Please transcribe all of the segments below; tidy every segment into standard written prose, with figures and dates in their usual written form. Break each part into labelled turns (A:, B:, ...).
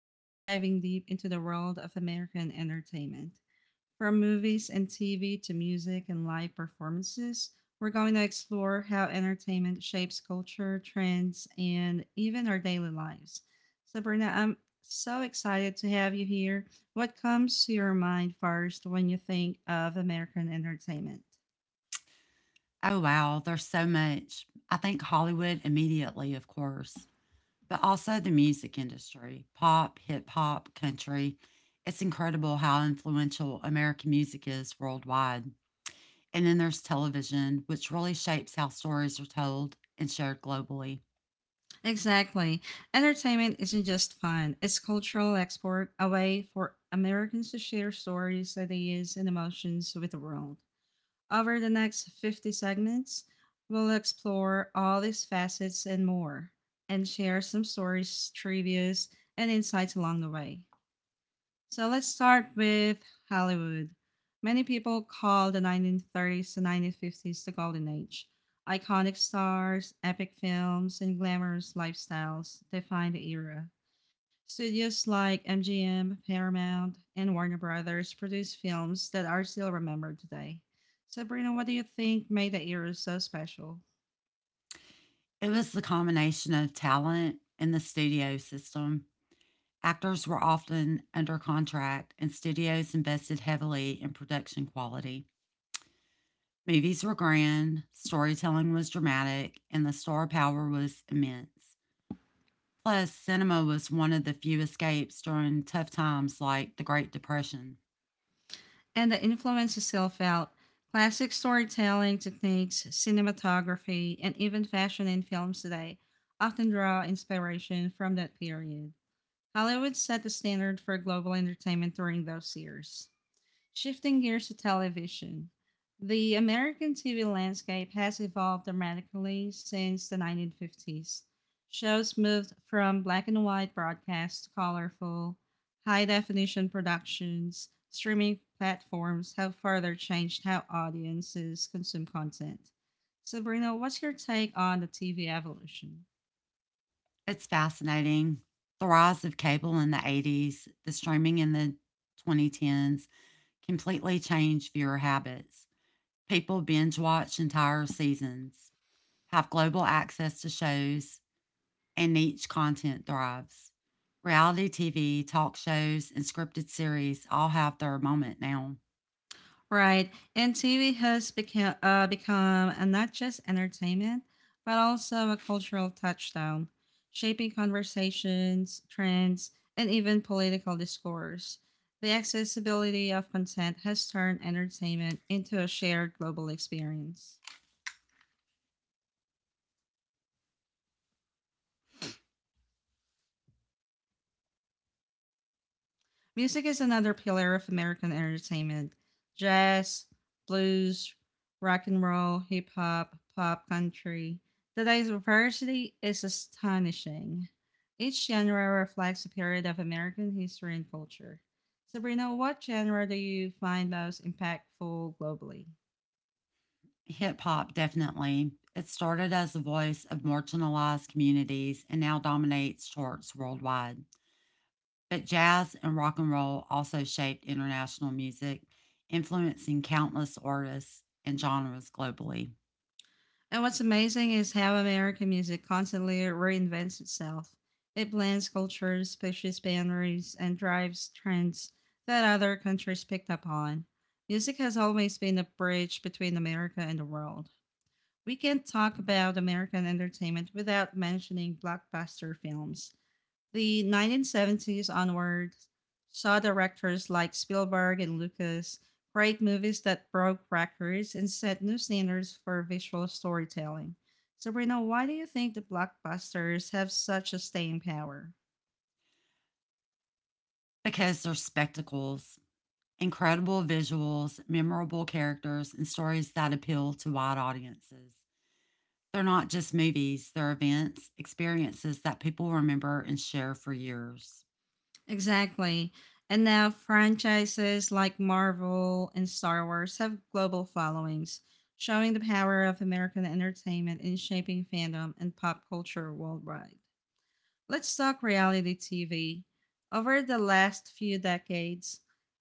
A: we're diving deep into the world of American entertainment. From movies and TV to music and live performances, we're going to explore how entertainment shapes culture, trends, and even our daily lives. Sabrina, I'm so excited to have you here. What comes to your mind first when you think of American entertainment?
B: Oh, wow. There's so much. I think Hollywood immediately, of course, but also the music industry pop, hip hop, country. It's incredible how influential American music is worldwide. And then there's television, which really shapes how stories are told and shared globally.
A: Exactly. Entertainment isn't just fun, it's cultural export, a way for Americans to share stories, ideas, and emotions with the world. Over the next 50 segments, we'll explore all these facets and more, and share some stories, trivias, and insights along the way. So let's start with Hollywood. Many people call the 1930s to 1950s the golden age. Iconic stars, epic films, and glamorous lifestyles define the era. Studios like MGM, Paramount, and Warner Brothers produce films that are still remembered today. Sabrina, what do you think made the era so special?
B: It was the combination of talent and the studio system. Actors were often under contract, and studios invested heavily in production quality. Movies were grand, storytelling was dramatic, and the star power was immense. Plus, cinema was one of the few escapes during tough times like the Great Depression.
A: And that influenced itself out classic storytelling techniques, cinematography, and even fashion in films today often draw inspiration from that period. Hollywood set the standard for global entertainment during those years. Shifting gears to television. The American TV landscape has evolved dramatically since the 1950s. Shows moved from black and white broadcasts to colorful, high definition productions. Streaming platforms have further changed how audiences consume content. Sabrina, what's your take on the TV evolution?
B: It's fascinating. The rise of cable in the 80s, the streaming in the 2010s completely changed viewer habits. People binge watch entire seasons, have global access to shows, and niche content thrives. Reality TV, talk shows, and scripted series all have their moment now.
A: Right. And TV has become not just entertainment, but also a cultural touchstone, shaping conversations, trends, and even political discourse. The accessibility of content has turned entertainment into a shared global experience. Music is another pillar of American entertainment. Jazz, blues, rock and roll, hip hop, pop country. The diversity is astonishing. Each genre reflects a period of American history and culture. Sabrina, what genre do you find most impactful globally?
B: Hip hop, definitely. It started as the voice of marginalized communities and now dominates charts worldwide. But jazz and rock and roll also shaped international music, influencing countless artists and genres globally.
A: And what's amazing is how American music constantly reinvents itself. It blends cultures, pushes boundaries, and drives trends that other countries picked up on. Music has always been a bridge between America and the world. We can't talk about American entertainment without mentioning blockbuster films. The 1970s onward saw directors like Spielberg and Lucas create movies that broke records and set new standards for visual storytelling. Sabrina, why do you think the blockbusters have such a staying power?
B: Because they're spectacles, incredible visuals, memorable characters, and stories that appeal to wide audiences. They're not just movies, they're events, experiences that people remember and share for years.
A: Exactly. And now franchises like Marvel and Star Wars have global followings, showing the power of American entertainment in shaping fandom and pop culture worldwide. Let's talk reality TV. Over the last few decades,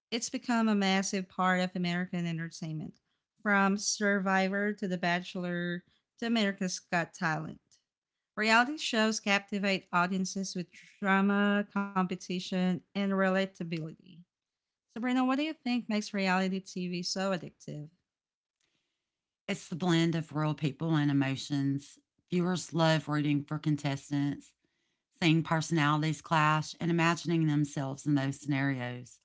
A: it's become a massive part of American entertainment, from Survivor to The Bachelor to America's Got Talent. Reality shows captivate audiences with drama, competition, and relatability. Sabrina, what do you think makes reality TV so addictive?
B: It's the blend of real people and emotions. Viewers love rooting for contestants, seeing personalities clash, and imagining themselves in those scenarios.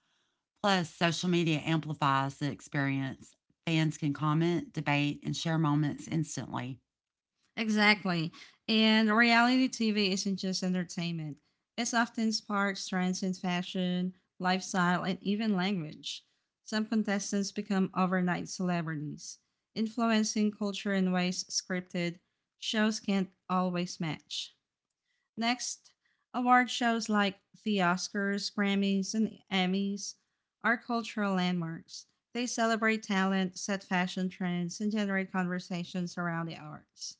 B: Plus, social media amplifies the experience. Fans can comment, debate, and share moments instantly.
A: Exactly. And reality TV isn't just entertainment, it's often sparks trends in fashion, lifestyle, and even language. Some contestants become overnight celebrities, influencing culture in ways scripted shows can't always match. Next, award shows like the Oscars, Grammys, and Emmys are cultural landmarks. They celebrate talent, set fashion trends, and generate conversations around the arts.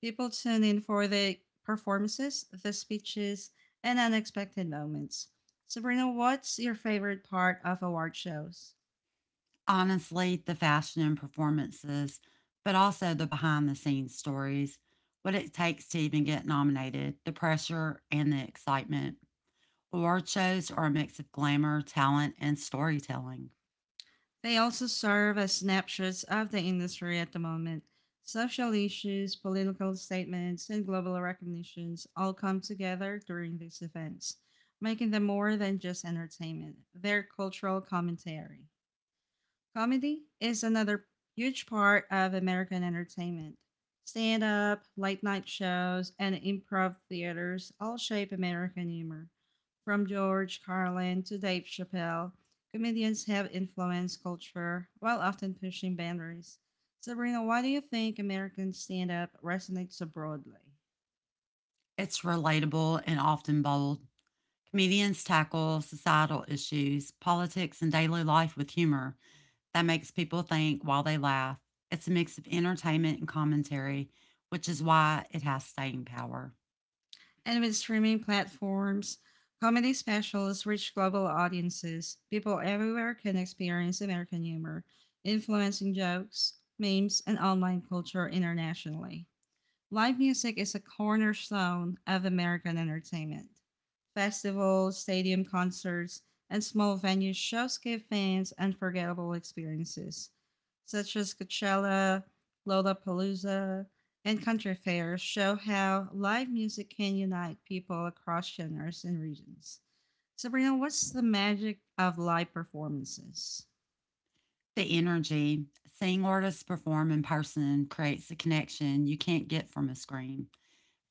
A: People tune in for the performances, the speeches, and unexpected moments. Sabrina, what's your favorite part of award shows?
B: Honestly, the fashion and performances, but also the behind the scenes stories, what it takes to even get nominated, the pressure and the excitement. Award shows are a mix of glamour, talent, and storytelling.
A: They also serve as snapshots of the industry at the moment. Social issues, political statements, and global recognitions all come together during these events, making them more than just entertainment. They're cultural commentary. Comedy is another huge part of American entertainment. Stand up, late night shows, and improv theaters all shape American humor. From George Carlin to Dave Chappelle, comedians have influenced culture while often pushing boundaries. Sabrina, why do you think American stand up resonates so broadly?
B: It's relatable and often bold. Comedians tackle societal issues, politics, and daily life with humor that makes people think while they laugh. It's a mix of entertainment and commentary, which is why it has staying power.
A: And with streaming platforms, comedy specials reach global audiences. People everywhere can experience American humor, influencing jokes, memes, and online culture internationally. Live music is a cornerstone of American entertainment. Festivals, stadium concerts, and small venue shows give fans unforgettable experiences, such as Coachella, Lollapalooza, and country fairs show how live music can unite people across genres and regions. Sabrina, what's the magic of live performances?
B: The energy. Seeing artists perform in person creates a connection you can't get from a screen.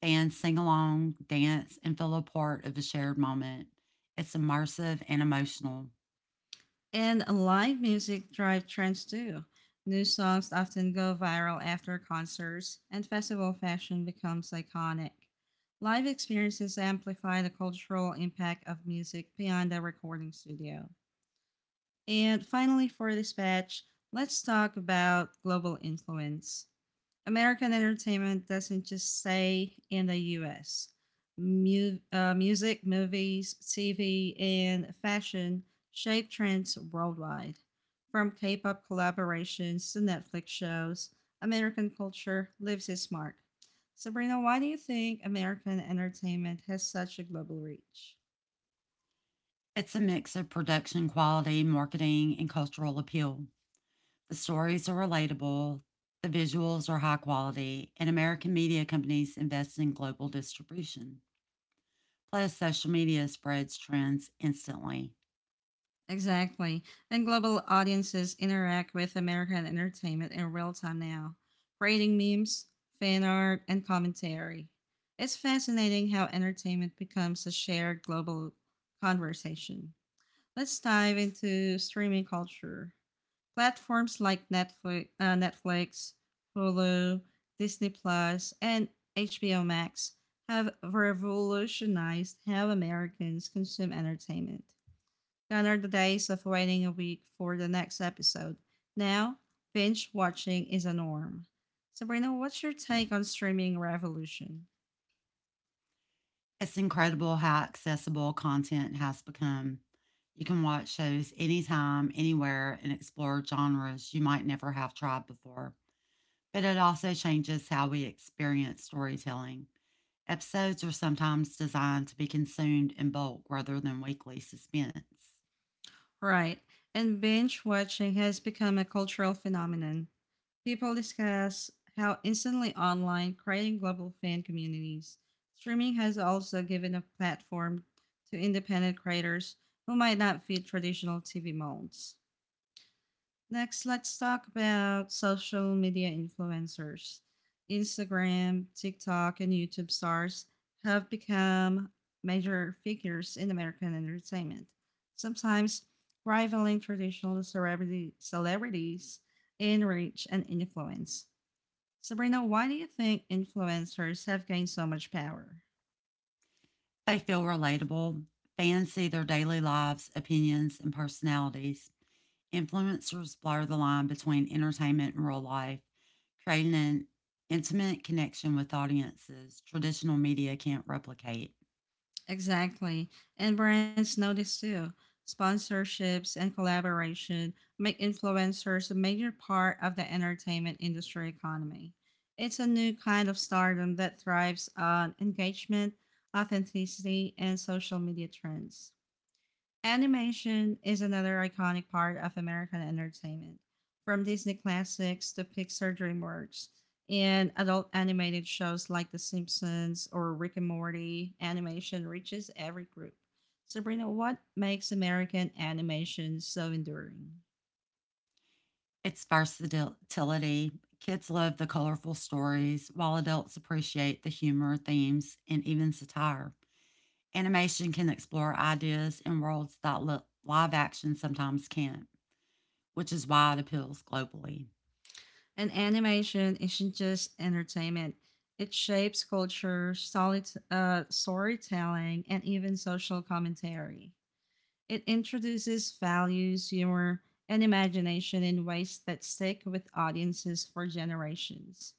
B: Fans sing along, dance, and feel a part of a shared moment. It's immersive and emotional.
A: And live music drive trends too. New songs often go viral after concerts, and festival fashion becomes iconic. Live experiences amplify the cultural impact of music beyond the recording studio. And finally, for this batch, let's talk about global influence. American entertainment doesn't just stay in the US. Music, movies, TV, and fashion shape trends worldwide. From K pop collaborations to Netflix shows, American culture leaves its mark. Sabrina, why do you think American entertainment has such a global reach?
B: It's a mix of production quality, marketing, and cultural appeal. The stories are relatable, the visuals are high quality, and American media companies invest in global distribution. Plus, social media spreads trends instantly.
A: Exactly. And global audiences interact with American entertainment in real time now, creating memes, fan art, and commentary. It's fascinating how entertainment becomes a shared global conversation. Let's dive into streaming culture. Platforms like Netflix, Hulu, Disney Plus, and HBO Max have revolutionized how Americans consume entertainment. Gather the days of waiting a week for the next episode. Now, binge watching is a norm. Sabrina, what's your take on streaming revolution?
B: It's incredible how accessible content has become. You can watch shows anytime, anywhere, and explore genres you might never have tried before. But it also changes how we experience storytelling. Episodes are sometimes designed to be consumed in bulk rather than weekly suspense.
A: Right, and binge watching has become a cultural phenomenon. People discuss how instantly online, creating global fan communities. Streaming has also given a platform to independent creators who might not fit traditional TV molds. Next, let's talk about social media influencers. Instagram, TikTok, and YouTube stars have become major figures in American entertainment, sometimes rivaling traditional celebrity celebrities in reach and influence. Sabrina, why do you think influencers have gained so much power?
B: They feel relatable. Fans see their daily lives, opinions, and personalities. Influencers blur the line between entertainment and real life, creating an intimate connection with audiences traditional media can't replicate.
A: Exactly. And brands know this too. Sponsorships and collaboration make influencers a major part of the entertainment industry economy. It's a new kind of stardom that thrives on engagement, authenticity, and social media trends. Animation is another iconic part of American entertainment, from Disney classics to Pixar DreamWorks, and adult animated shows like The Simpsons or Rick and Morty, animation reaches every group. Sabrina, what makes American animation so enduring?
B: Its versatility, kids love the colorful stories, while adults appreciate the humor, themes, and even satire. Animation can explore ideas and worlds that live action sometimes can't, which is why it appeals globally.
A: And animation isn't just entertainment. It shapes culture, storytelling, and even social commentary. It introduces values, humor, and imagination in ways that stick with audiences for generations.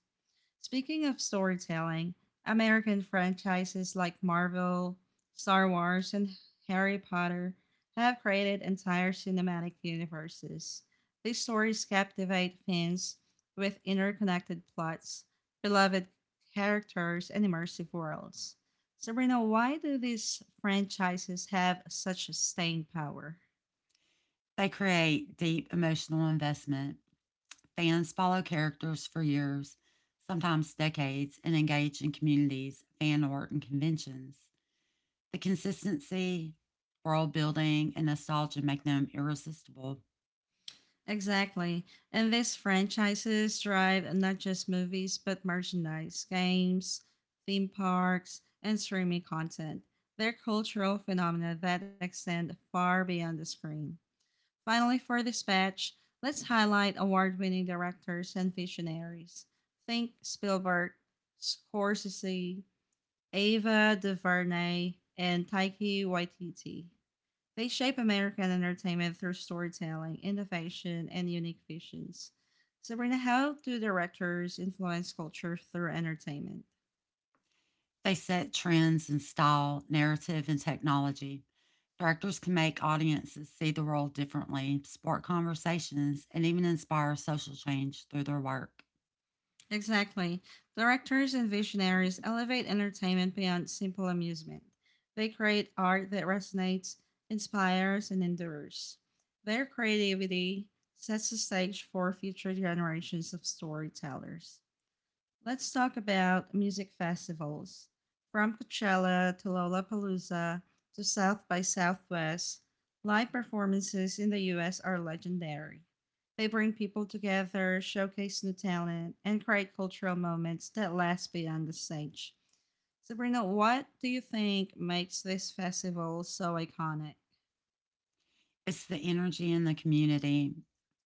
A: Speaking of storytelling, American franchises like Marvel, Star Wars, and Harry Potter have created entire cinematic universes. These stories captivate fans with interconnected plots, beloved characters, and immersive worlds. Sabrina, why do these franchises have such staying power?
B: They create deep emotional investment. Fans follow characters for years, sometimes decades, and engage in communities, fan art, and conventions. The consistency, world building, and nostalgia make them irresistible.
A: Exactly. And these franchises drive not just movies, but merchandise, games, theme parks, and streaming content. They're cultural phenomena that extend far beyond the screen. Finally, for this batch, let's highlight award winning directors and visionaries. Think Spielberg, Scorsese, Ava DuVernay, and Taiki Waititi. They shape American entertainment through storytelling, innovation, and unique visions. Sabrina, how do directors influence culture through entertainment?
B: They set trends in style, narrative, and technology. Directors can make audiences see the world differently, spark conversations, and even inspire social change through their work.
A: Exactly. Directors and visionaries elevate entertainment beyond simple amusement. They create art that resonates, inspires, and endures. Their creativity sets the stage for future generations of storytellers. Let's talk about music festivals. From Coachella to Lollapalooza to South by Southwest, live performances in the US are legendary. They bring people together, showcase new talent, and create cultural moments that last beyond the stage. Sabrina, what do you think makes this festival so iconic?
B: It's the energy in the community.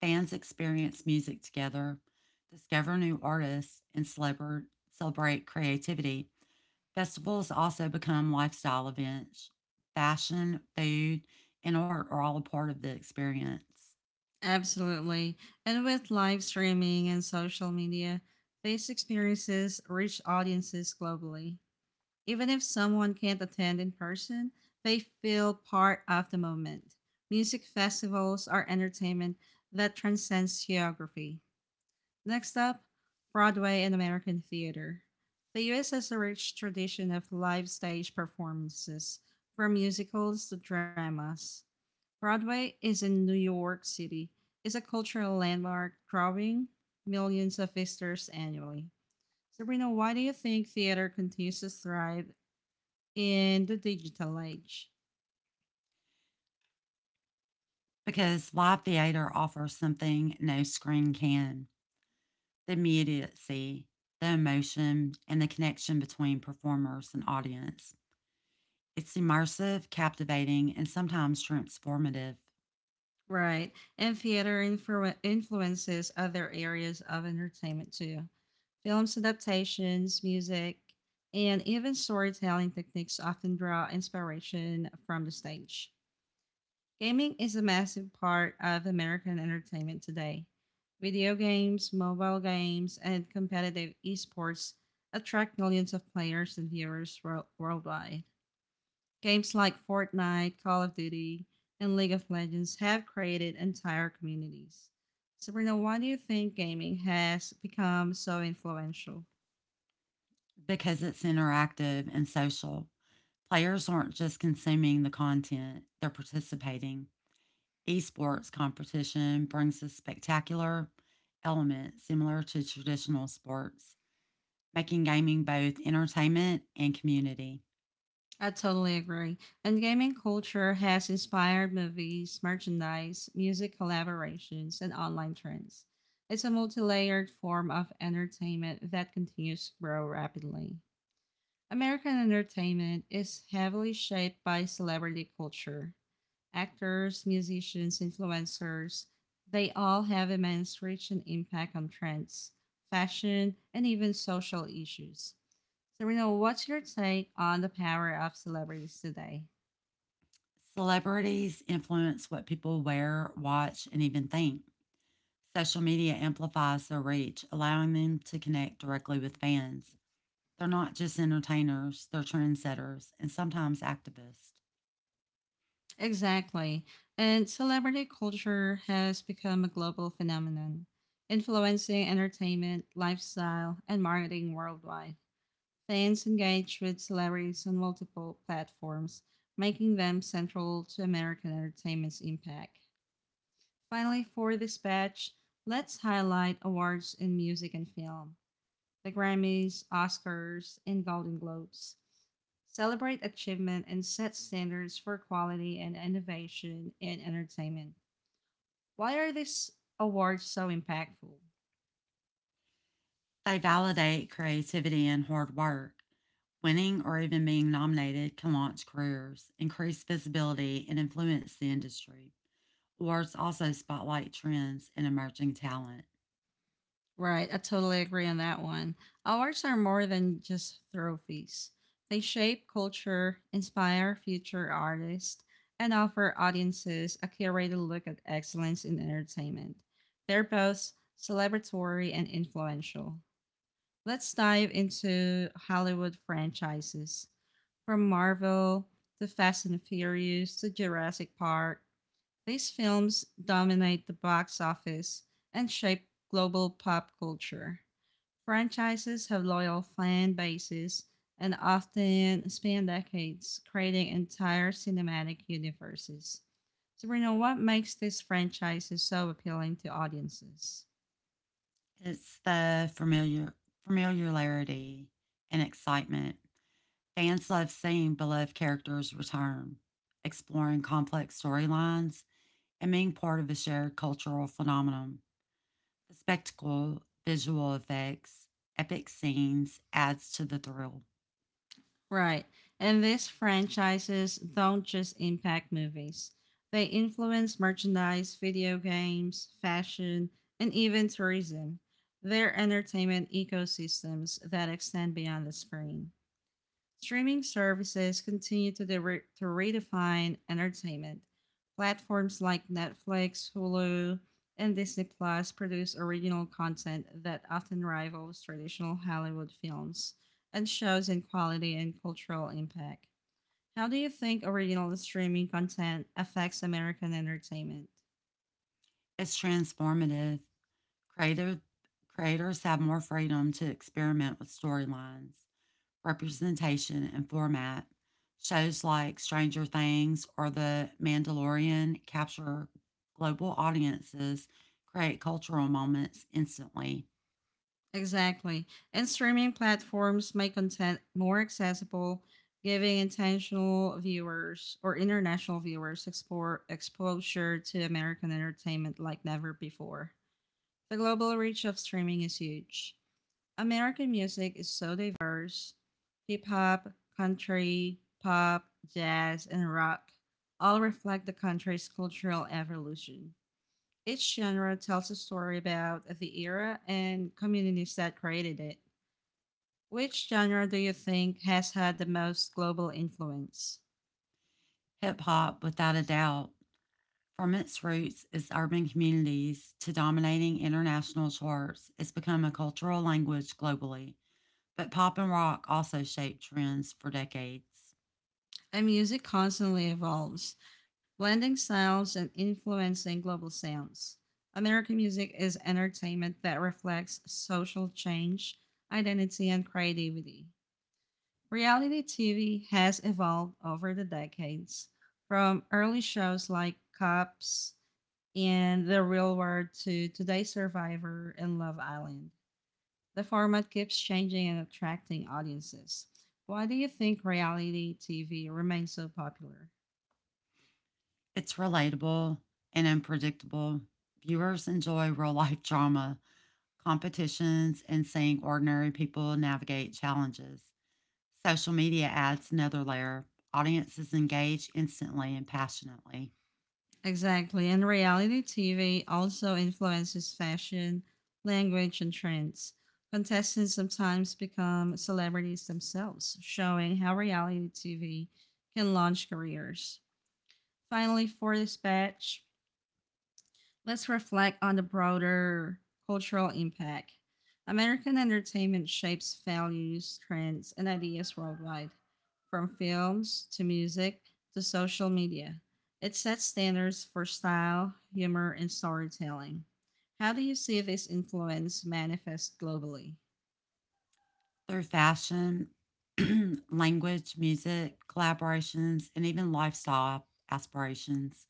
B: Fans experience music together, discover new artists, and celebrate creativity. Festivals also become lifestyle events. Fashion, food, and art are all a part of the experience.
A: Absolutely. And with live streaming and social media, these experiences reach audiences globally. Even if someone can't attend in person, they feel part of the moment. Music festivals are entertainment that transcends geography. Next up, Broadway and American theater. The US has a rich tradition of live stage performances, from musicals to dramas. Broadway is in New York City. It's a cultural landmark drawing millions of visitors annually. Sabrina, why do you think theater continues to thrive in the digital age?
B: Because live theater offers something no screen can, the immediacy, the emotion, and the connection between performers and audience. It's immersive, captivating, and sometimes transformative.
A: Right. And influences other areas of entertainment too. Films adaptations, music, and even storytelling techniques often draw inspiration from the stage. Gaming is a massive part of American entertainment today. Video games, mobile games, and competitive esports attract millions of players and viewers worldwide. Games like Fortnite, Call of Duty, and League of Legends have created entire communities. So, Sabrina, why do you think gaming has become so influential?
B: Because it's interactive and social. Players aren't just consuming the content, they're participating. Esports competition brings a spectacular element similar to traditional sports, making gaming both entertainment and community.
A: I totally agree. And gaming culture has inspired movies, merchandise, music collaborations, and online trends. It's a multi layered form of entertainment that continues to grow rapidly. American entertainment is heavily shaped by celebrity culture, actors, musicians, influencers, they all have immense reach and impact on trends, fashion, and even social issues. So, Reno, what's your take on the power of celebrities today?
B: Celebrities influence what people wear, watch, and even think. Social media amplifies their reach, allowing them to connect directly with fans. They're not just entertainers, they're trendsetters and sometimes activists.
A: Exactly. And celebrity culture has become a global phenomenon, influencing entertainment, lifestyle, and marketing worldwide. Fans engage with celebrities on multiple platforms, making them central to American entertainment's impact. Finally, for this batch, let's highlight awards in music and film the Grammys, Oscars, and Golden Globes. Celebrate achievement and set standards for quality and innovation in entertainment. Why are these awards so impactful?
B: They validate creativity and hard work. Winning or even being nominated can launch careers, increase visibility, and influence the industry. Awards also spotlight trends and emerging talent.
A: Right, I totally agree on that one. Awards are more than just trophies. They shape culture, inspire future artists, and offer audiences a curated look at excellence in entertainment. They're both celebratory and influential. Let's dive into Hollywood franchises. From Marvel to Fast and Furious to Jurassic Park, these films dominate the box office and shape global pop culture. Franchises have loyal fan bases and often span decades, creating entire cinematic universes. We know what makes these franchises so appealing to audiences?
B: It's the familiarity and excitement. Fans love seeing beloved characters return, exploring complex storylines, and being part of a shared cultural phenomenon. The spectacle, visual effects, epic scenes adds to the thrill.
A: Right. And these franchises don't just impact movies, they influence merchandise, video games, fashion, and even tourism. They're entertainment ecosystems that extend beyond the screen. Streaming services continue to redefine entertainment. Platforms like Netflix, Hulu, and Disney Plus produce original content that often rivals traditional Hollywood films and shows in quality and cultural impact. How do you think original streaming content affects American entertainment?
B: It's transformative. Creative Creators have more freedom to experiment with storylines, representation, and format. Shows like Stranger Things or The Mandalorian capture global audiences, create cultural moments instantly.
A: Exactly. And streaming platforms make content more accessible, giving intentional viewers or international viewers exposure to American entertainment like never before. The global reach of streaming is huge. American music is so diverse: hip hop, country, pop, jazz, and rock all reflect the country's cultural evolution. Each genre tells a story about the era and communities that created it. Which genre do you think has had the most global influence?
B: Hip hop, without a doubt. From its roots as urban communities to dominating international charts, it's become a cultural language globally, but pop and rock also shaped trends for decades.
A: And music constantly evolves, blending styles and influencing global sounds. American music is entertainment that reflects social change, identity, and creativity. Reality TV has evolved over the decades, from early shows like Cops and The Real World to today's Survivor and Love Island. The format keeps changing and attracting audiences. Why do you think reality TV remains so popular?
B: It's relatable and unpredictable. Viewers enjoy real life drama, competitions, and seeing ordinary people navigate challenges. Social media adds another layer. Audiences engage instantly and passionately.
A: Exactly, and reality TV also influences fashion, language, and trends. Contestants sometimes become celebrities themselves, showing how reality TV can launch careers. Finally, for this batch, let's reflect on the broader cultural impact. American entertainment shapes values, trends, and ideas worldwide, from films to music to social media. It sets standards for style, humor, and storytelling. How do you see this influence manifest globally?
B: Through fashion, language, music, collaborations, and even lifestyle aspirations.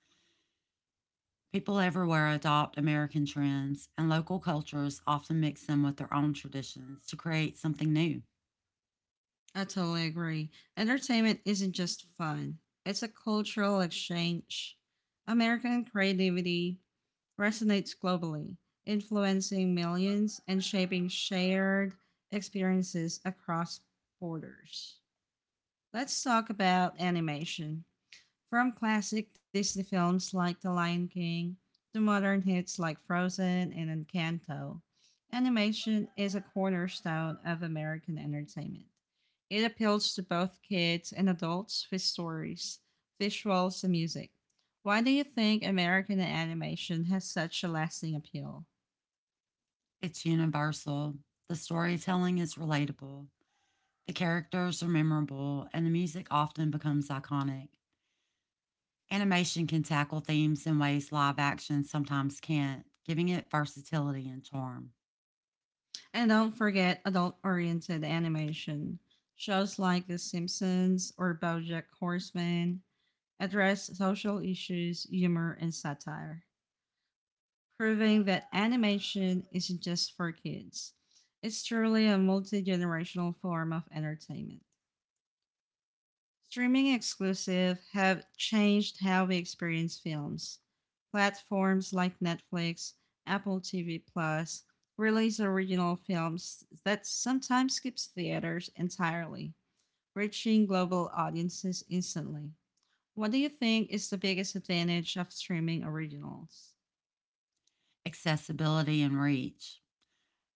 B: People everywhere adopt American trends, and local cultures often mix them with their own traditions to create something new.
A: I totally agree. Entertainment isn't just fun, it's a cultural exchange. American creativity resonates globally, influencing millions and shaping shared experiences across borders. Let's talk about animation. From classic Disney films like The Lion King to modern hits like Frozen and Encanto, animation is a cornerstone of American entertainment. It appeals to both kids and adults with stories, visuals, and music. Why do you think American animation has such a lasting appeal?
B: It's universal. The storytelling is relatable. The characters are memorable, and the music often becomes iconic. Animation can tackle themes in ways live action sometimes can't, giving it versatility and charm.
A: And don't forget adult oriented animation. Shows like The Simpsons or Bojack Horseman addressed social issues, humor, and satire, proving that animation isn't just for kids. It's truly a multi generational form of entertainment. Streaming exclusives have changed how we experience films. Platforms like Netflix, Apple TV Plus release original films that sometimes skips theaters entirely, reaching global audiences instantly. What do you think is the biggest advantage of streaming originals?
B: Accessibility and reach.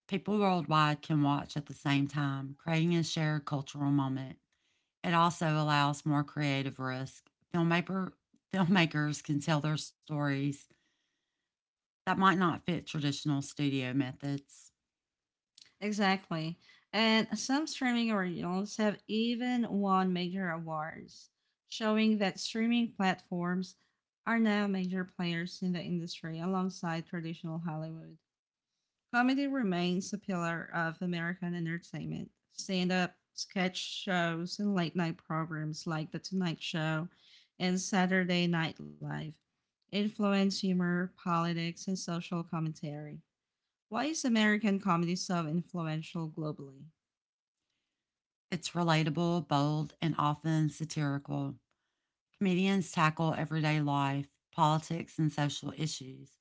B: People worldwide can watch at the same time, creating a shared cultural moment. It also allows more creative risk. Filmmaker, filmmakers can tell their stories that might not fit traditional studio methods.
A: Exactly. And some streaming originals have even won major awards, showing that streaming platforms are now major players in the industry alongside traditional Hollywood. Comedy remains a pillar of American entertainment. Stand up, sketch shows, and late night programs like The Tonight Show and Saturday Night Live influence humor, politics, and social commentary. Why is American comedy so influential globally?
B: It's relatable, bold, and often satirical. Comedians tackle everyday life, politics, and social issues,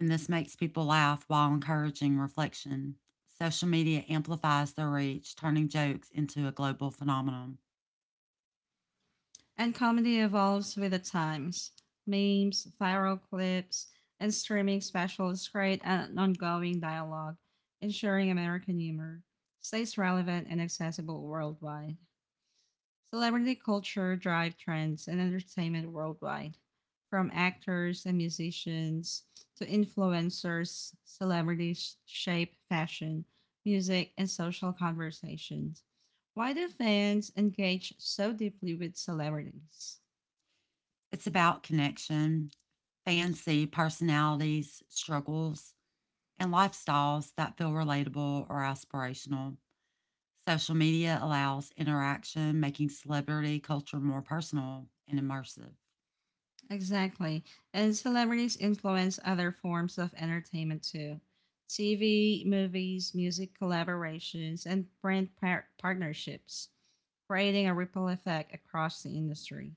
B: and this makes people laugh while encouraging reflection. Social media amplifies their reach, turning jokes into a global phenomenon.
A: And comedy evolves with the times. Memes, viral clips, and streaming specials create an ongoing dialogue, ensuring American humor stays relevant and accessible worldwide. Celebrity culture drives trends in entertainment worldwide, from actors and musicians to influencers. Celebrities shape fashion, music, and social conversations. Why do fans engage so deeply with celebrities?
B: It's about connection. Fancy personalities, struggles, and lifestyles that feel relatable or aspirational. Social media allows interaction, making celebrity culture more personal and immersive.
A: Exactly. And celebrities influence other forms of entertainment too. TV, movies, music collaborations, and brand partnerships, creating a ripple effect across the industry.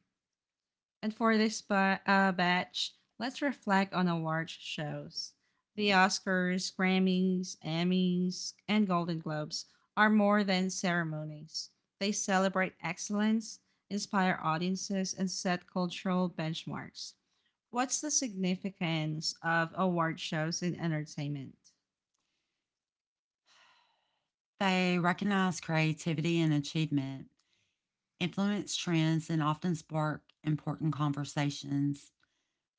A: And for this batch, let's reflect on award shows. The Oscars, Grammys, Emmys, and Golden Globes are more than ceremonies. They celebrate excellence, inspire audiences, and set cultural benchmarks. What's the significance of award shows in entertainment?
B: They recognize creativity and achievement, influence trends, and often spark important conversations.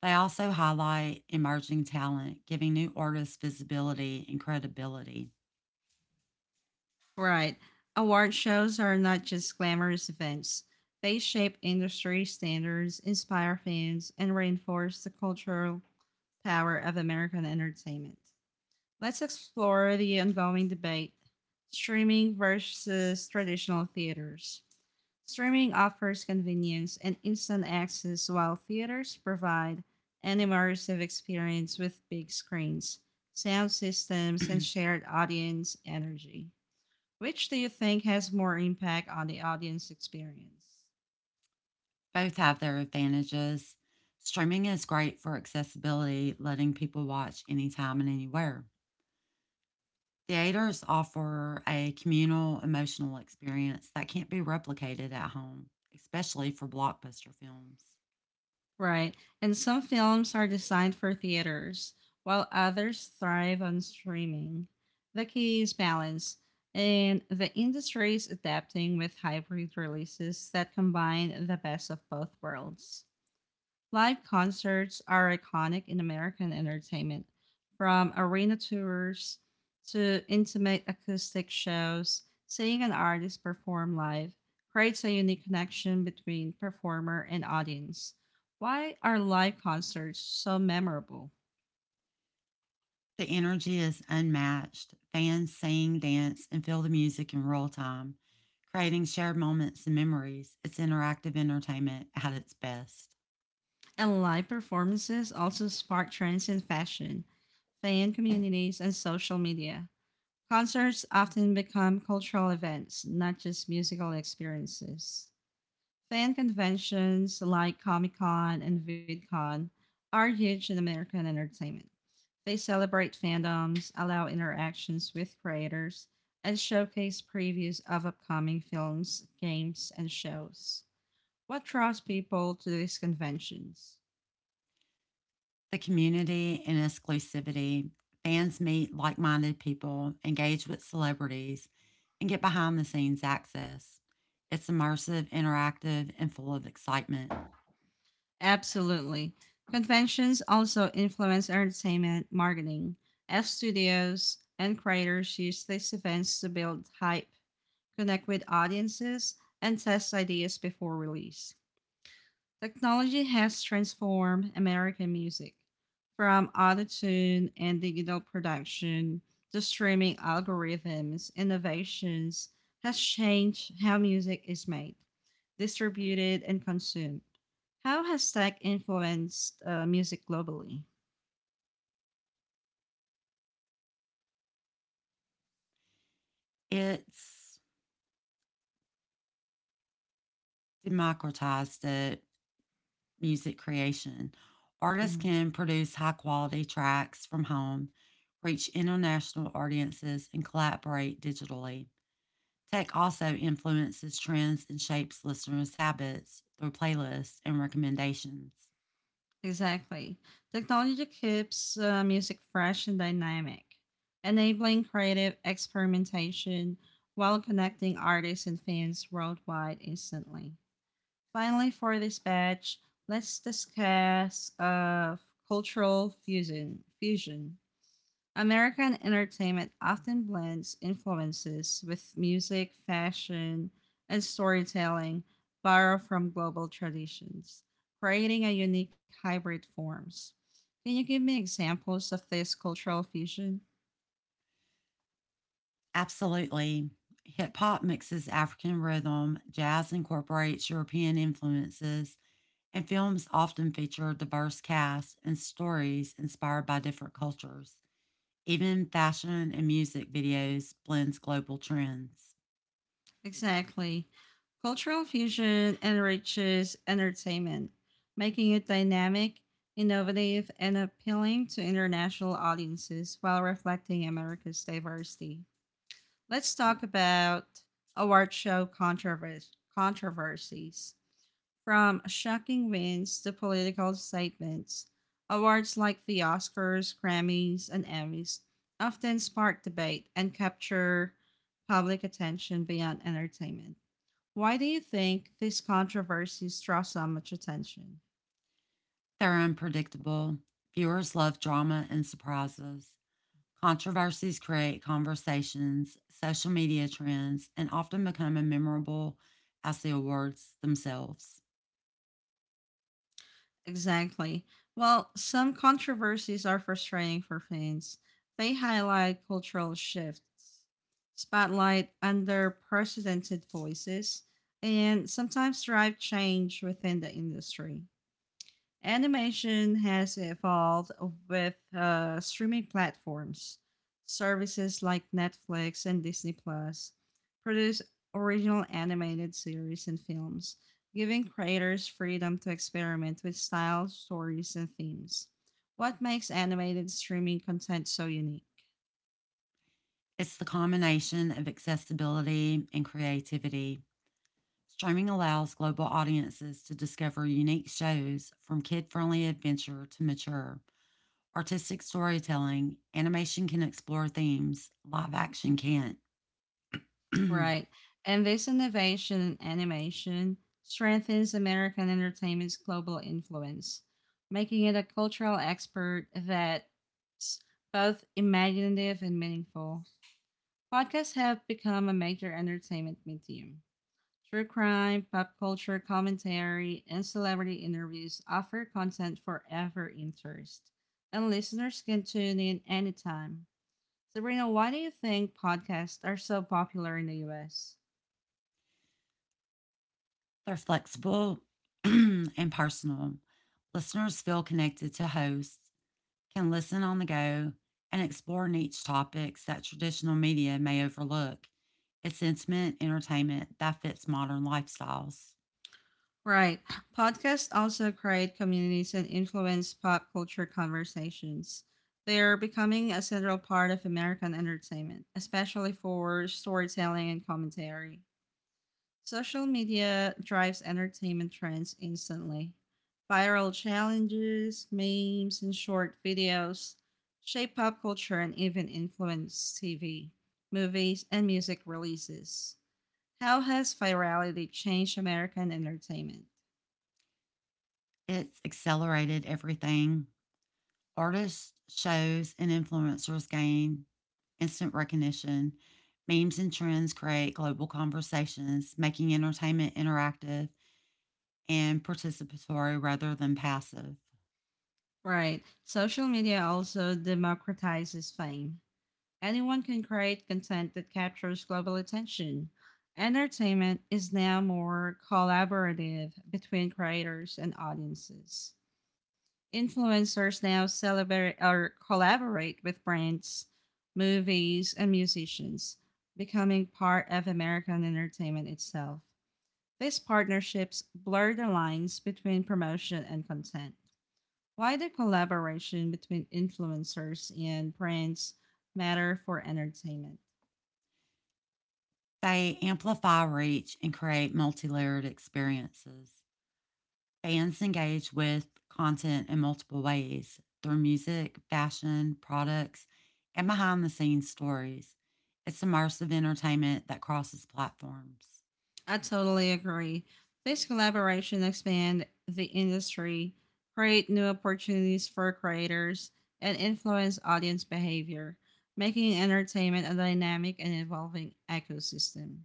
B: They also highlight emerging talent, giving new artists visibility and credibility.
A: Right. Award shows are not just glamorous events. They shape industry standards, inspire fans, and reinforce the cultural power of American entertainment. Let's explore the ongoing debate: streaming versus traditional theaters. Streaming offers convenience and instant access, while theaters provide an immersive experience with big screens, sound systems, and shared audience energy. Which do you think has more impact on the audience experience?
B: Both have their advantages. Streaming is great for accessibility, letting people watch anytime and anywhere. Theaters offer a communal emotional experience that can't be replicated at home, especially for blockbuster films.
A: Right. And some films are designed for theaters, while others thrive on streaming. The key is balance, and the industry is adapting with hybrid releases that combine the best of both worlds. Live concerts are iconic in American entertainment, from arena tours to intimate acoustic shows. Seeing an artist perform live creates a unique connection between performer and audience. Why are live concerts so memorable?
B: The energy is unmatched. Fans sing, dance, and feel the music in real time, creating shared moments and memories. It's interactive entertainment at its best.
A: And live performances also spark trends in fashion, fan communities, and social media. Concerts often become cultural events, not just musical experiences. Fan conventions like Comic Con and VidCon are huge in American entertainment. They celebrate fandoms, allow interactions with creators, and showcase previews of upcoming films, games, and shows. What draws people to these conventions?
B: The community and exclusivity. Fans meet like minded people, engage with celebrities, and get behind the scenes access. It's immersive, interactive, and full of excitement.
A: Absolutely. Conventions also influence entertainment marketing, as studios and creators use these events to build hype, connect with audiences, and test ideas before release. Technology has transformed American music, from autotune and digital production to streaming algorithms. Innovations has changed how music is made, distributed, and consumed. How has tech influenced music globally?
B: It's democratized uh, music creation. Artists
A: Mhm.
B: can produce high quality tracks from home, reach international audiences, and collaborate digitally. Tech also influences trends and shapes listeners' habits through playlists and recommendations.
A: Exactly. Technology keeps music fresh and dynamic, enabling creative experimentation while connecting artists and fans worldwide instantly. Finally, for this batch, let's discuss cultural fusion. Fusion. American entertainment often blends influences with music, fashion, and storytelling borrowed from global traditions, creating a unique hybrid forms. Can you give me examples of this cultural fusion?
B: Absolutely. Hip hop mixes African rhythm, jazz incorporates European influences, and films often feature diverse casts and stories inspired by different cultures. Even fashion and music videos blends global trends.
A: Exactly. Cultural fusion enriches entertainment, making it dynamic, innovative, and appealing to international audiences while reflecting America's diversity. Let's talk about award show controversies. From shocking wins to political statements, awards like the Oscars, Grammys, and Emmys often spark debate and capture public attention beyond entertainment. Why do you think these controversies draw so much attention?
B: They're unpredictable. Viewers love drama and surprises. Controversies create conversations, social media trends, and often become memorable as the awards themselves.
A: Exactly. Well, some controversies are frustrating for fans. They highlight cultural shifts, spotlight underprecedented voices, and sometimes drive change within the industry. Animation has evolved with streaming platforms, services like Netflix and Disney Plus produce original animated series and films, giving creators freedom to experiment with styles, stories, and themes. What makes animated streaming content so unique?
B: It's the combination of accessibility and creativity. Streaming allows global audiences to discover unique shows from kid friendly adventure to mature. Artistic storytelling, animation can explore themes live action can't. They're
A: Right. And this innovation in animation strengthens American entertainment's global influence, making it a cultural export that's both imaginative and meaningful. Podcasts have become a major entertainment medium. True crime, pop culture commentary, and celebrity interviews offer content for every interest, and listeners can tune in anytime. Sabrina, why do you think podcasts are so popular in the US?
B: Flexible and personal. Listeners feel connected to hosts, can listen on the go, and explore niche topics that traditional media may overlook. It's intimate entertainment that fits modern lifestyles.
A: Right. Podcasts also create communities and influence pop culture conversations. They are becoming a central part of American entertainment, especially for storytelling and commentary. Social media drives entertainment trends instantly. Viral challenges, memes, and short videos shape pop culture and even influence TV, movies, and music releases. How has virality changed American entertainment?
B: It's accelerated everything. Artists, shows, and influencers gain instant recognition. Memes and trends create global conversations, making entertainment interactive and participatory rather than passive.
A: Right. Social media also democratizes fame. Anyone can create content that captures global attention. Entertainment is now more collaborative between creators and audiences. Influencers now celebrate or collaborate with brands, movies, and musicians, becoming part of American entertainment itself. These partnerships blur the lines between promotion and content. Why the collaboration between influencers and brands matter for entertainment?
B: They amplify reach and create multi layered experiences. Fans engage with content in multiple ways through music, fashion, products, and behind the scenes stories. It's immersive entertainment that crosses platforms.
A: I totally agree. This collaboration expand the industry, create new opportunities for creators, and influence audience behavior, making entertainment a dynamic and evolving ecosystem.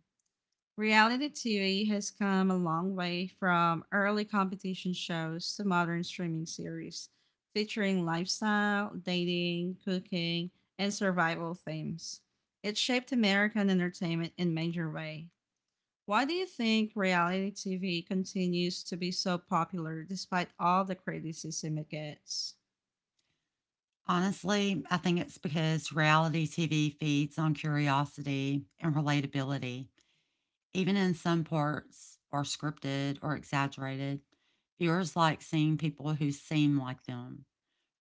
A: Reality TV has come a long way from early competition shows to modern streaming series featuring lifestyle, dating, cooking, and survival themes. It shaped American entertainment in a major way. Why do you think reality TV continues to be so popular despite all the criticism it gets?
B: Honestly, I think it's because reality TV feeds on curiosity and relatability. Even in some parts are scripted or exaggerated, viewers like seeing people who seem like them,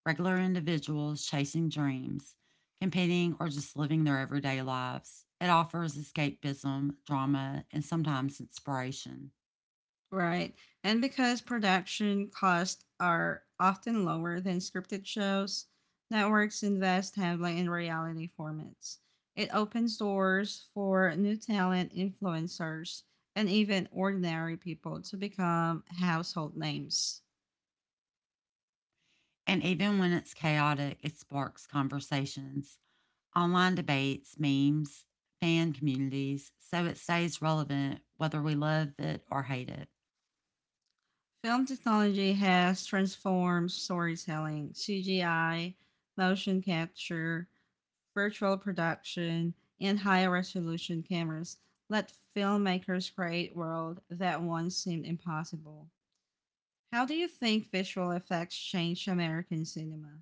B: regular individuals chasing dreams, competing, or just living their everyday lives. It offers escapism, drama, and sometimes inspiration.
A: Right. And because production costs are often lower than scripted shows, networks invest heavily in reality formats. It opens doors for new talent, influencers, and even ordinary people to become household names.
B: And even when it's chaotic, it sparks conversations, online debates, memes, fan communities, so it stays relevant whether we love it or hate it.
A: Film technology has transformed storytelling. CGI, motion capture, virtual production, and higher resolution cameras let filmmakers create worlds that once seemed impossible. How do you think visual effects changed American cinema?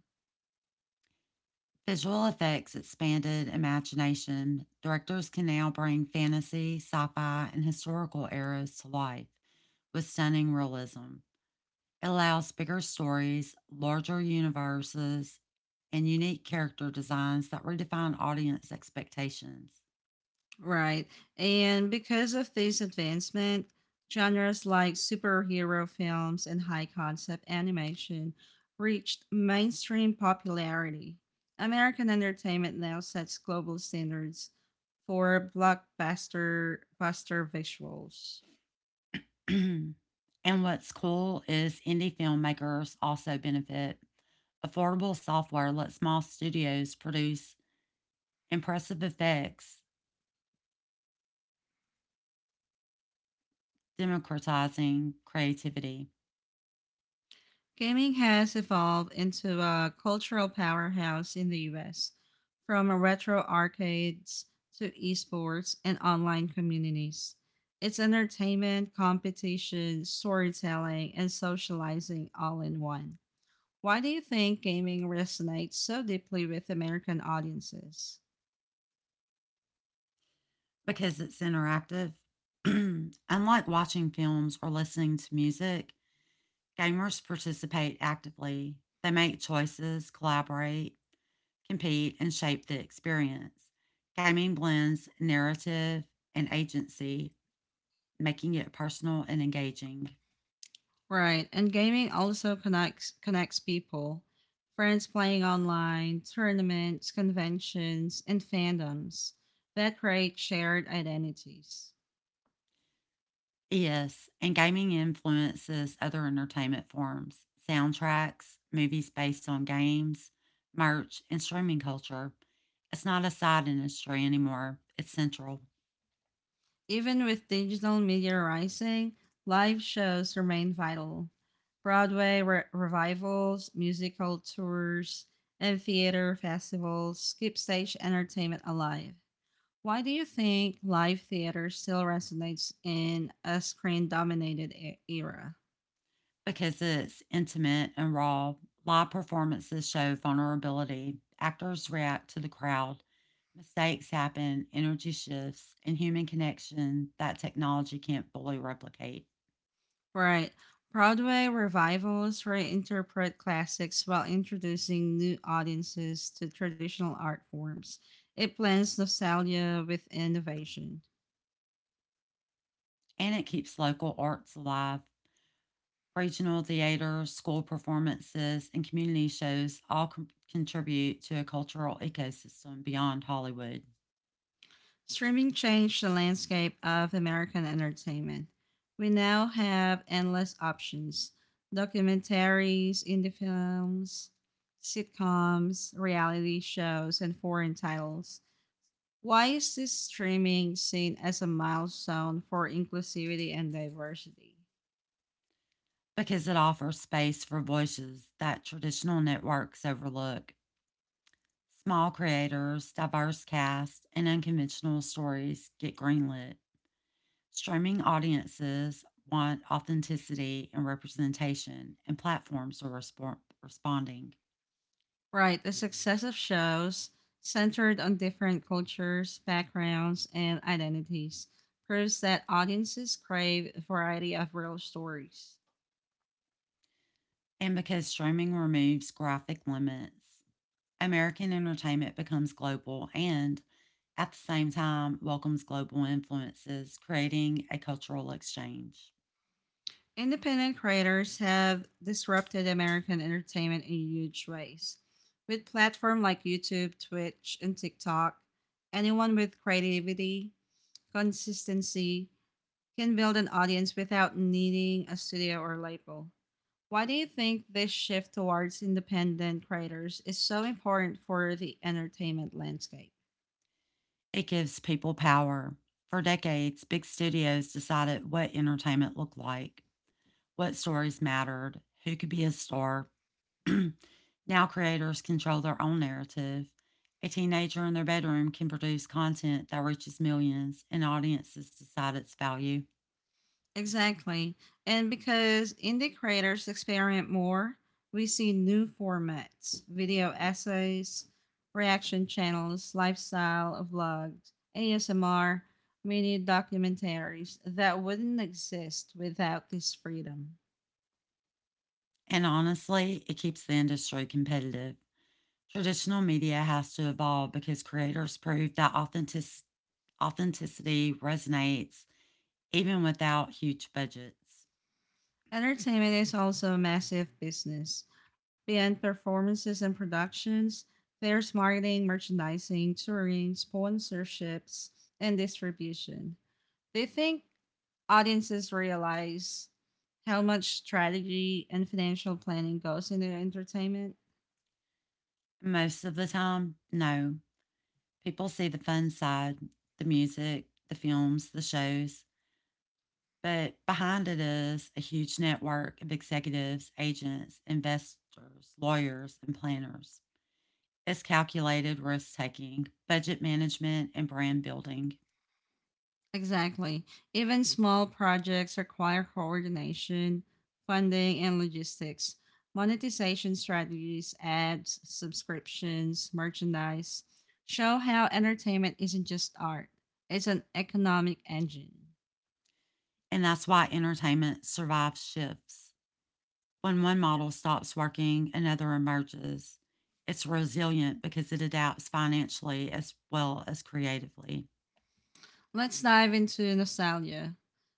B: Visual effects expanded imagination. Directors can now bring fantasy, sci fi, and historical eras to life with stunning realism. Allows bigger stories, larger universes, and unique character designs that redefine audience expectations.
A: Right. And because of this advancement, genres like superhero films and high concept animation reached mainstream popularity. American entertainment now sets global standards for blockbuster buster visuals.
B: And what's cool is indie filmmakers also benefit. Affordable software lets small studios produce impressive effects, democratizing creativity.
A: Gaming has evolved into a cultural powerhouse in the US, from retro arcades to esports and online communities. It's entertainment, competition, storytelling, and socializing all in one. Why do you think gaming resonates so deeply with American audiences?
B: Because it's interactive. Unlike watching films or listening to music, gamers participate actively. They make choices, collaborate, compete, and shape the experience. Gaming blends narrative and agency, making it personal and engaging.
A: Right, and gaming also connects people, friends playing online, tournaments, conventions, and fandoms that create shared identities.
B: Yes, and gaming influences other entertainment forms, soundtracks, movies based on games, merch, and streaming culture. It's not a side industry anymore, it's central.
A: Even with digital media rising, live shows remain vital. Broadway revivals, musical tours, and theater festivals keep stage entertainment alive. Why do you think live theater still resonates in a screen dominated era?
B: Because it's intimate and raw, live performances show vulnerability. Actors react to the crowd. Mistakes happen, energy shifts, and human connection that technology can't fully replicate.
A: Right. Broadway revivals reinterpret classics while introducing new audiences to traditional art forms. It blends nostalgia with innovation.
B: And it keeps local arts alive. Regional theater, school performances, and community shows all contribute to a cultural ecosystem beyond Hollywood.
A: Streaming changed the landscape of American entertainment. We now have endless options: documentaries, indie films, sitcoms, reality shows, and foreign titles. Why is this streaming seen as a milestone for inclusivity and diversity?
B: Because it offers space for voices that traditional networks overlook. Small creators, diverse casts, and unconventional stories get greenlit. Streaming audiences want authenticity and representation, and platforms are responding.
A: Right, the success of shows centered on different cultures, backgrounds, and identities proves that audiences crave a variety of real stories.
B: And because streaming removes graphic limits, American entertainment becomes global and, at the same time, welcomes global influences, creating a cultural exchange.
A: Independent creators have disrupted American entertainment in huge ways. With platforms like YouTube, Twitch, and TikTok, anyone with creativity, consistency, can build an audience without needing a studio or label. Why do you think this shift towards independent creators is so important for the entertainment landscape?
B: It gives people power. For decades, big studios decided what entertainment looked like, what stories mattered, who could be a star. Now creators control their own narrative. A teenager in their bedroom can produce content that reaches millions, and audiences decide its value.
A: Exactly. And because indie creators experiment more, we see new formats: video essays, reaction channels, lifestyle vlogs, ASMR, mini documentaries that wouldn't exist without this freedom.
B: And honestly, it keeps the industry competitive. Traditional media has to evolve because creators prove that authenticity resonates even without huge budgets.
A: Entertainment is also a massive business. Beyond performances and productions, there's marketing, merchandising, touring, sponsorships, and distribution. Do you think audiences realize how much strategy and financial planning goes into entertainment?
B: Most of the time, no. People see the fun side, the music, the films, the shows, but behind it is a huge network of executives, agents, investors, lawyers, and planners. It's calculated risk taking, budget management, and brand building.
A: Exactly. Even small projects require coordination, funding, and logistics. Monetization strategies, ads, subscriptions, merchandise show how entertainment isn't just art, it's an economic engine.
B: And that's why entertainment survives shifts. When one model stops working, another emerges. It's resilient because it adapts financially as well as creatively.
A: Let's dive into nostalgia.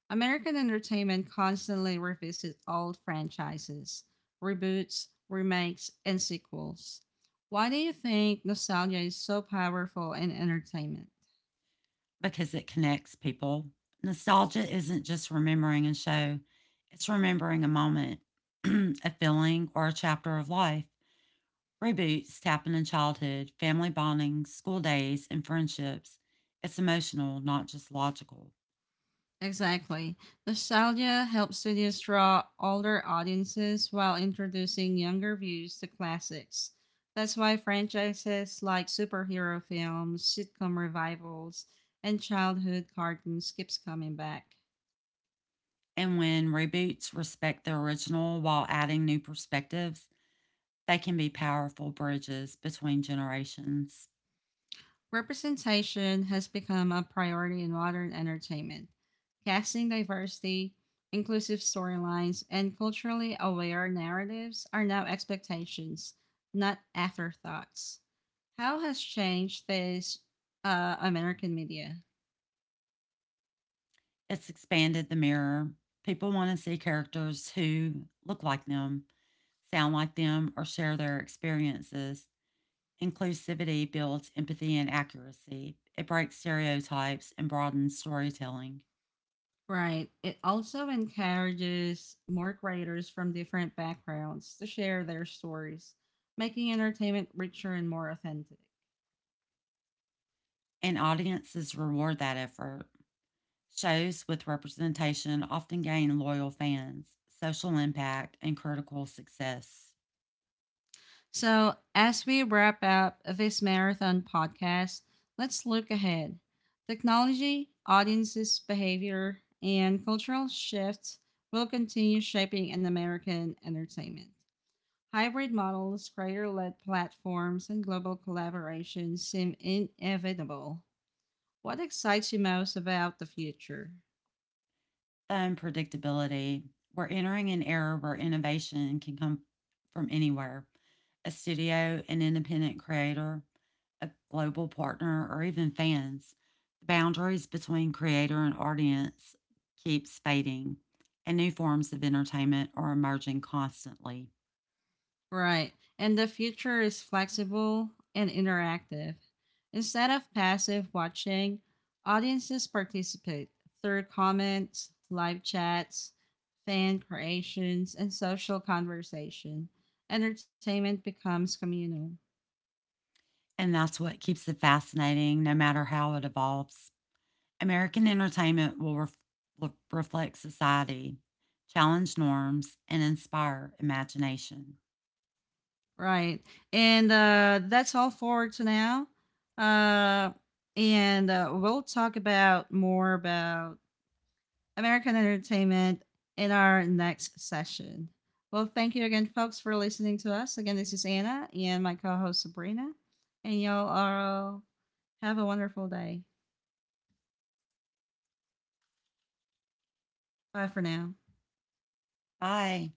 A: American entertainment constantly revisits old franchises, reboots, remakes, and sequels. Why do you think nostalgia is so powerful in entertainment?
B: Because it connects people. Nostalgia isn't just remembering a show, it's remembering a moment, a feeling, or a chapter of life. Reboots happen in childhood, family bonding, school days, and friendships. It's emotional, not just logical.
A: Exactly. Nostalgia helps studios draw older audiences while introducing younger views to classics. That's why franchises like superhero films, sitcom revivals, and childhood cartoons keeps coming back.
B: And when reboots respect the original while adding new perspectives, they can be powerful bridges between generations.
A: Representation has become a priority in modern entertainment. Casting diversity, inclusive storylines, and culturally aware narratives are now expectations, not afterthoughts. How has changed this American media?
B: It's expanded the mirror. People want to see characters who look like them, sound like them, or share their experiences. Inclusivity builds empathy and accuracy. It breaks stereotypes and broadens storytelling.
A: Right. It also encourages more creators from different backgrounds to share their stories, making entertainment richer and more authentic.
B: And audiences reward that effort. Shows with representation often gain loyal fans, social impact, and critical success.
A: So, as we wrap up this marathon podcast, let's look ahead. Technology, audiences' behavior, and cultural shifts will continue shaping an American entertainment. Hybrid models, creator led platforms, and global collaborations seem inevitable. What excites you most about the future?
B: Unpredictability. We're entering an era where innovation can come from anywhere, a studio, an independent creator, a global partner, or even fans. The boundaries between creator and audience keeps fading, and new forms of entertainment are emerging constantly.
A: Right. And the future is flexible and interactive. Instead of passive watching, audiences participate through comments, live chats, fan creations, and social conversation. Entertainment becomes communal.
B: And that's what keeps it fascinating, no matter how it evolves. American entertainment will reflect society, challenge norms, and inspire imagination.
A: Right. And that's all for to now. Uh, and we'll talk about more about American entertainment in our next session. Well, thank you again, folks, for listening to us. Again, this is Anna and my co host Sabrina. And y'all all have a wonderful day. Bye for now.
B: Bye.